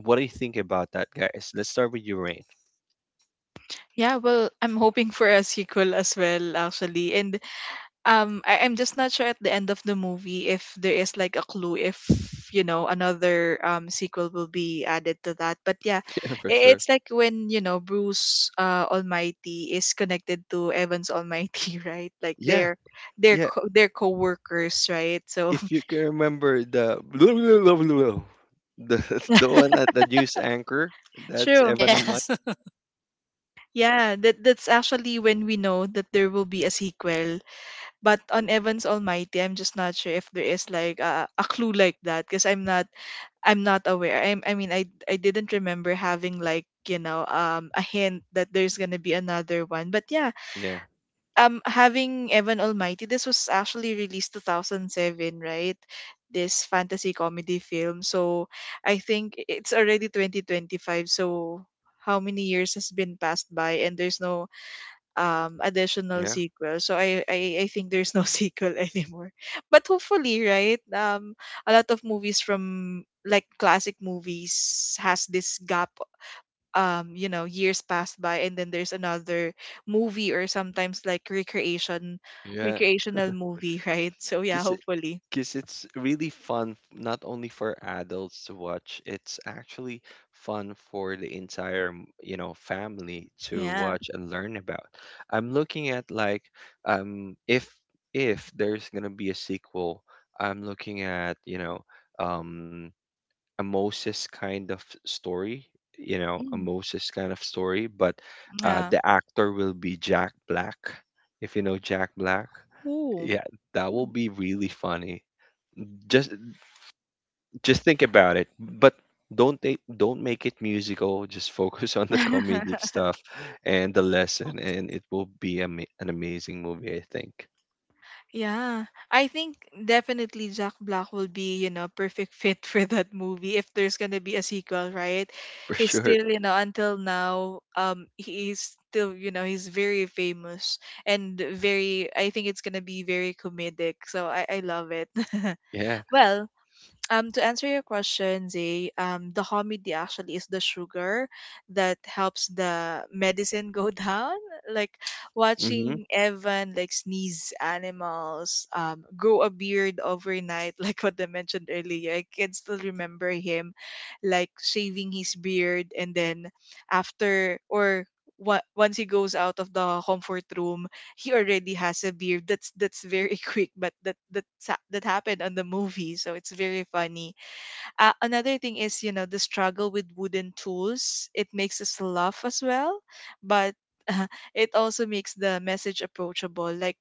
what do you think about that, guys? Let's start with you, Rain.
Yeah, well, I'm hoping for a sequel as well, actually. And I'm just not sure at the end of the movie if there is like a clue if, you know, another sequel will be added to that. But yeah,
Yeah, for sure.
it's like when, you know, Bruce Almighty is connected to Evans Almighty, right? Like
Yeah,
they're
yeah.
they're co-workers, right? So
If you can remember the the the one at the news anchor, that's
true.
Evan Amat.
Yes.
Yeah, that that's actually when we know that there will be a sequel. But on Evans Almighty, I'm just not sure if there is like a clue like that because I'm not, I'm not aware. I mean, I didn't remember having like, you know, a hint that there's gonna be another one. But yeah,
Yeah,
having Evan Almighty, this was actually released 2007, right? This fantasy comedy film. So I think it's already 2025. So how many years has been passed by, and there's no additional
yeah,
sequel. So I think there's no sequel anymore. But hopefully, right? A lot of movies from like classic movies has this gap, you know, years passed by, and then there's another movie or sometimes like recreation
yeah.
recreational movie right? So yeah,
Because
hopefully.
cause it's really fun, not only for adults to watch, it's actually fun for the entire, you know, family to
Yeah.
watch and learn about. I'm looking at like, um, if if there's gonna be a sequel, I'm looking at, you know, um, a Moses kind of story, you know, a
Mm,
Moses kind of story, but
yeah.
the actor will be Jack Black, if you know Jack Black.
Ooh.
Yeah, that will be really funny. Just just think about it, but don't they don't make it musical. Just focus on the
Mm.
comedic stuff and the lesson, and it will be ama an amazing movie, I think,
Yeah, I think definitely Jack Black will be, you know, perfect fit for that movie if there's gonna be a sequel, right?
for
He's
sure.
still, you know, until now, he's still, you know, he's very famous and very. I think it's gonna be very comedic, so I love it.
Yeah.
Well, to answer your question, Zay, the hominy actually is the sugar that helps the medicine go down. Like
Mm-hmm.
watching Evan like sneeze animals, grow a beard overnight, like what I mentioned earlier. I can still remember him like shaving his beard and then after, or once he goes out of the comfort room, he already has a beard. That's very quick, but that happened on the movie, so it's very funny. Another thing is, you know, the struggle with wooden tools. It makes us laugh as well, but it also makes the message approachable. Like,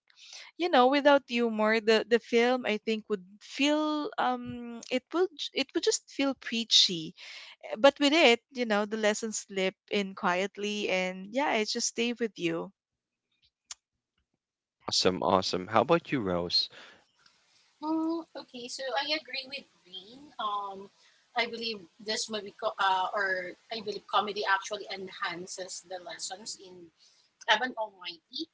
you know, without humor, the film, I think, would feel it would just feel preachy. But with it, you know, the lessons slip in quietly, and yeah, it just stay with you.
Awesome, awesome. How about you, Rose?
Mm, okay, so I agree with Green. I believe this movie, or I believe comedy actually enhances the lessons in Evan Almighty.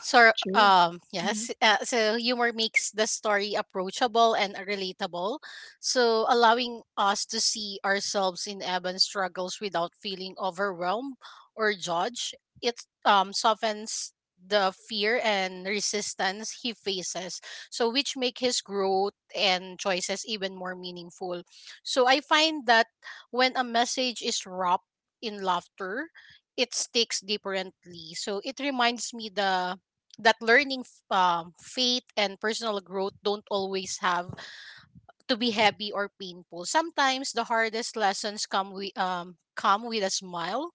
So,
True. Hmm.
yes, so humor makes the story approachable and relatable. So, allowing us to see ourselves in Evan's struggles without feeling overwhelmed or judged, it softens the fear and resistance he faces. So, which make his growth and choices even more meaningful. So, I find that when a message is wrapped in laughter, it sticks differently. So, it reminds me the that faith and personal growth don't always have to be heavy or painful. Sometimes the hardest lessons come with a smile,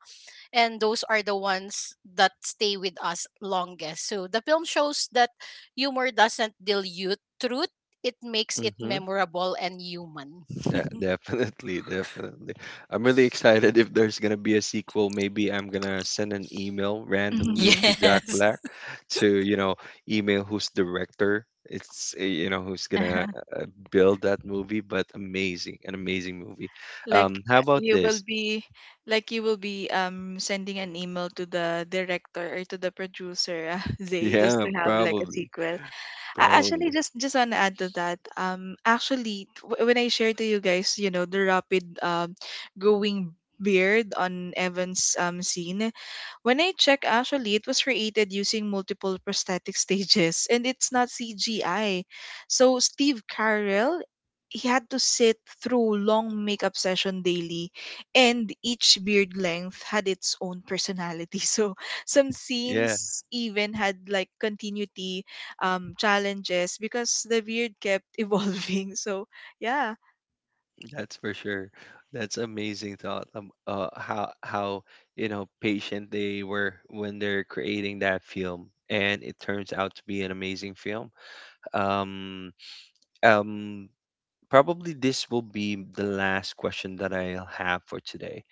and those are the ones that stay with us longest. So the film shows that humor doesn't dilute truth, it makes it
Mhm.
memorable and human.
Yeah, definitely, definitely. I'm really excited if there's gonna be a sequel. Maybe I'm gonna send an email randomly to Jack
Yes.
Black to, you know, email who's director. It's, you know, who's gonna uh, build that movie, but amazing, an amazing movie.
Like
How about
you will
this?
be like you will be sending an email to the director or to the producer, they just
Yeah,
to have like a
probably,
sequel. Actually,
probably.
just want to add to that. Actually, when I share to you guys, you know, the rapid growing beard on Evan's scene, when I check, actually, it was created using multiple prosthetic stages, and it's not CGI. So Steve Carell, he had to sit through long makeup session daily, and each beard length had its own personality. So some
Yeah.
scenes even had like continuity challenges because the beard kept evolving. So yeah.
That's for sure. That's amazing thought. How, you know, patient they were when they're creating that film, and it turns out to be an amazing film. Um, um, Probably this will be the last question that I'll have for today,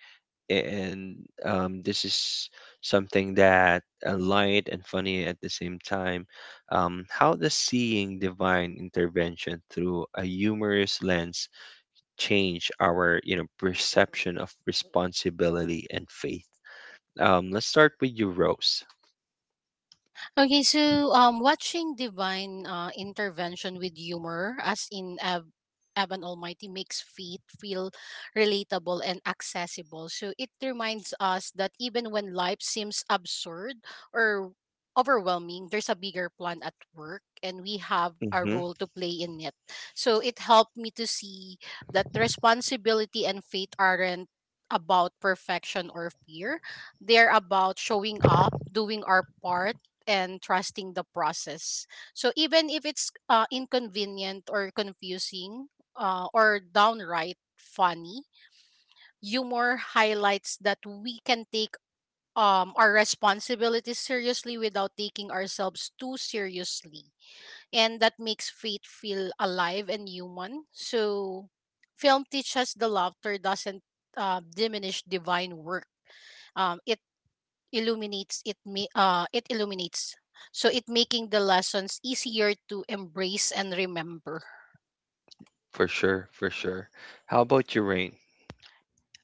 and this is something that light and funny at the same time. How does seeing divine intervention through a humorous lens change our, you know, perception of responsibility and faith? Let's start with you, Rose.
Okay, so watching divine intervention with humor, as in Evan Almighty, makes faith feel relatable and accessible. So it reminds us that even when life seems absurd or overwhelming, there's a bigger plan at work, and we have a
Mm-hmm.
role to play in it. So it helped me to see that responsibility and faith aren't about perfection or fear, they're about showing up, doing our part, and trusting the process. So even if it's inconvenient or confusing or downright funny, humor highlights that we can take our responsibilities seriously without taking ourselves too seriously. And that makes faith feel alive and human. So film teaches the laughter doesn't diminish divine work, um, it it illuminates, so it making the lessons easier to embrace and remember.
For sure, for sure. How about you, Rain?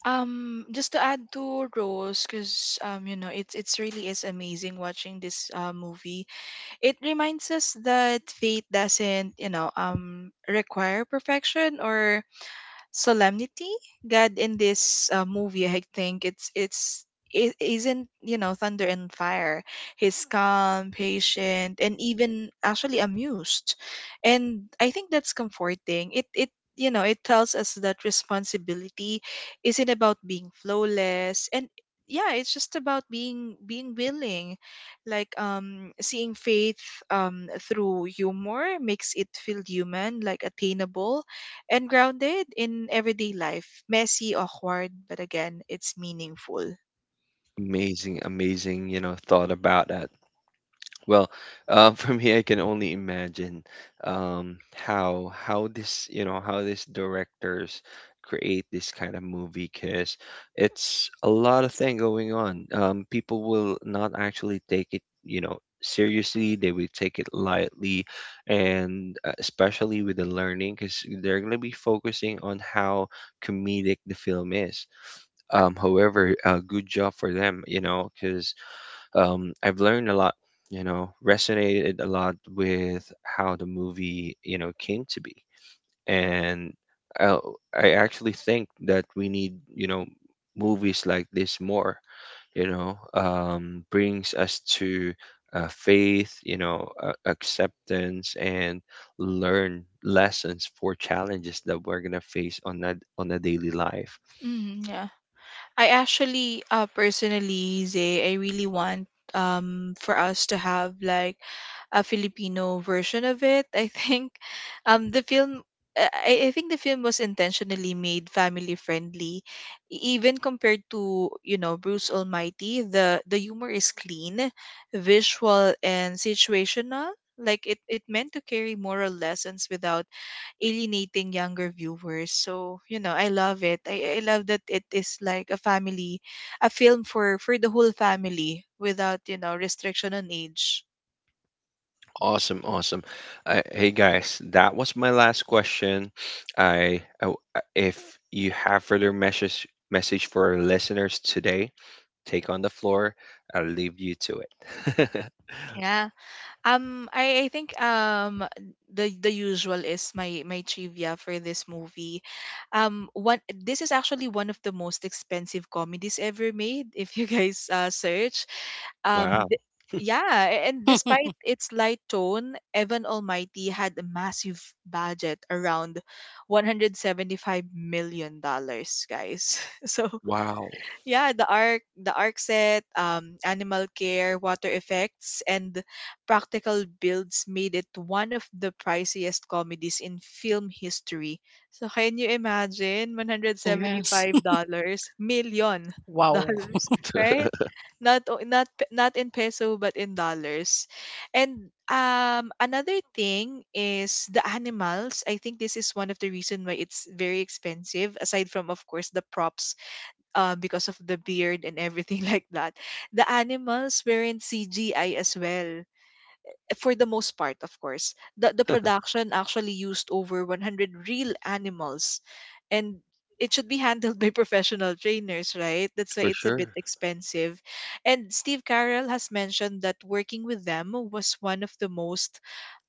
Just to add to Rose, because, you know, it's really is amazing watching this movie. It reminds us that fate doesn't, you know, require perfection or solemnity. God in this movie, I think it's it isn't, you know, thunder and fire. He's calm, patient, and even actually amused. And I think that's comforting. It you know, it tells us that responsibility isn't about being flawless. And yeah, it's just about being willing. Like, seeing faith through humor makes it feel human, like attainable and grounded in everyday life. Messy, awkward, but again, it's meaningful.
Amazing, amazing. You know, thought about that. Well, for me, I can only imagine how this, you know, how these directors create this kind of movie because it's a lot of thing going on. People will not actually take it, you know, seriously. They will take it lightly, and especially with the learning because they're gonna be focusing on how comedic the film is. However, good job for them, you know, because I've learned a lot, you know, resonated a lot with how the movie, you know, came to be. And I, I actually think that we need, you know, movies like this more, you know, brings us to faith, you know, acceptance and learn lessons for challenges that we're going to face on that on a daily life.
Mm, yeah. I actually, personally, Zay, I really want for us to have like a Filipino version of it. I think the film I think the film was intentionally made family friendly. Even compared to, you know, Bruce Almighty, the humor is clean, visual, and situational. Like it meant to carry moral lessons without alienating younger viewers. So, you know, I love it. I love that it is like a family, a film for the whole family without, you know, restriction on age.
Awesome, awesome. Hey guys, that was my last question. If you have further message for our listeners today, take on the floor. I'll leave you to it.
Yeah. I think the usual is my my trivia for this movie. One, this is actually one of the most expensive comedies ever made. If you guys search, um,
Wow,
th- yeah, and despite its light tone, Evan Almighty had a massive budget around $175 million, guys. So
wow,
yeah, the arc set, animal care, water effects, and practical builds made it one of the priciest comedies in film history. So can you imagine
Yes.
$175 million
Wow.
dollars, right? Not o- not pe- Not in peso but in dollars. And another thing is the animals. I think this is one of the reason why it's very expensive, aside from, of course, the props, because of the beard and everything like that. The animals were in CGI as well for the most part. Of course, the production actually used over 100 real animals, and it should be handled by professional trainers, right? That's why
for
it's a bit
sure.
expensive. And Steve Carell has mentioned that working with them was one of the most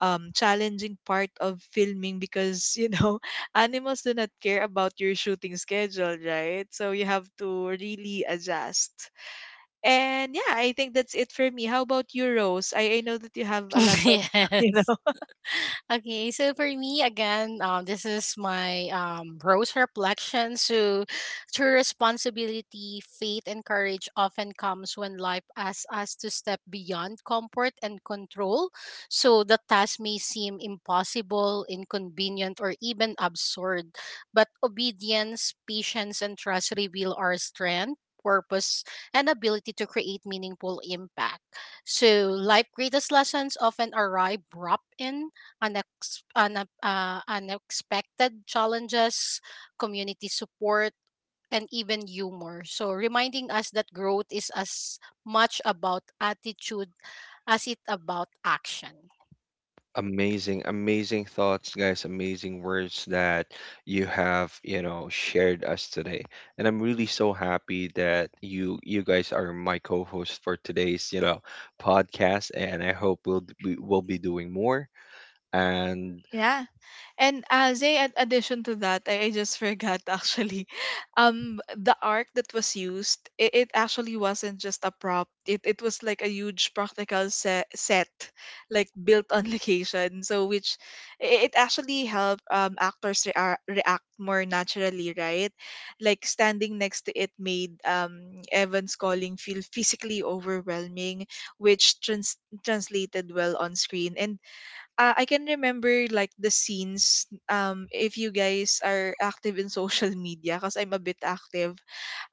challenging part of filming because, you know, animals do not care about your shooting schedule, right? So you have to really adjust. And yeah, I think that's it for me. How about you, Rose? I know that you have a lot of, you
Yes.
know.
Okay, so for me again, this is my rose reflection. So, true responsibility, faith, and courage often comes when life asks us to step beyond comfort and control. So the task may seem impossible, inconvenient, or even absurd, but obedience, patience, and trust reveal our strength. Purpose and ability to create meaningful impact. So, life greatest lessons often arrive wrapped in unexpected challenges, community support, and even humor. So, reminding us that growth is as much about attitude as it about action.
Amazing, amazing thoughts, guys. Amazing words that you have, you know, shared us today. And I'm really so happy that you guys are my co-host for today's, you know, podcast. And I hope we'll we will be doing more. And
Yeah. And as a an addition to that, I just forgot actually. The arc that was used, it actually wasn't just a prop. It was like a huge practical set set like built on location. So which it actually helped actors react more naturally, right? Like standing next to it made Evan's calling feel physically overwhelming, which translated well on screen. And I can remember like the scenes, if you guys are active in social media, because I'm a bit active,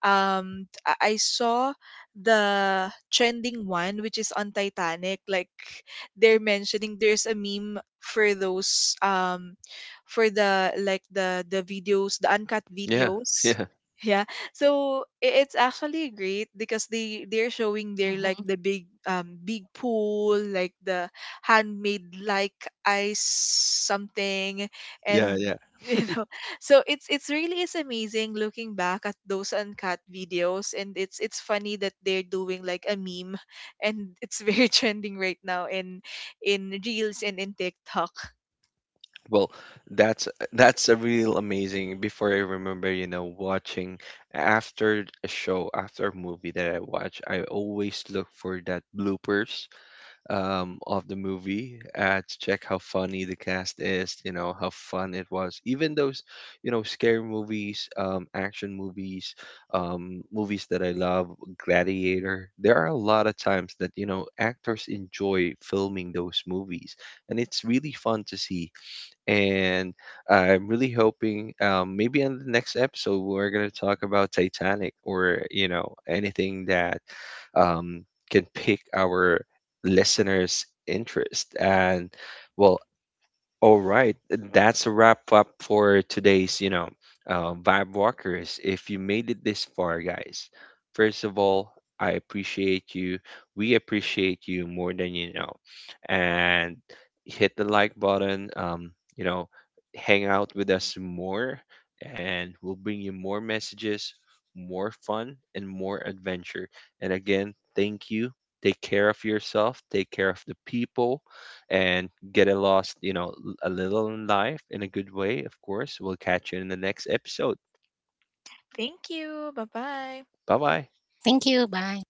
I saw the trending one which is on Titanic, like they're mentioning there's a meme for those, for the like the videos, the uncut
yeah,
videos,
yeah,
yeah. So it's actually great because they they're showing their like
Mhm.
the big, big pool, like the handmade like ice something.
yeah,
And
yeah.
you know, so it's really is amazing looking back at those uncut videos. And it's funny that they're doing like a meme and it's very trending right now in Reels and in TikTok.
Well, that's that's a real amazing. Before I remember, you know, watching after a show, after a movie that I watch, I always look for that bloopers of the movie to check how funny the cast is, you know, how fun it was. Even those, you know, scary movies, action movies, movies that I love, Gladiator, there are a lot of times that, you know, actors enjoy filming those movies. And it's really fun to see. And I'm really hoping maybe on the next episode, we're going to talk about Titanic or, you know, anything that um, can pick our listeners' interest. And well, all right, that's a wrap up for today's, you know, Vibe Walkers. If you made it this far, guys, first of all, I appreciate you. We appreciate you more than you know. And hit the like button, you know, hang out with us more, and we'll bring you more messages, more fun, and more adventure. And again, thank you. Take care of yourself, take care of the people and get a lost, you know, a little in life in a good way, of course. We'll catch you in the next episode.
Thank you. Bye-bye.
Bye bye.
Thank you. Bye.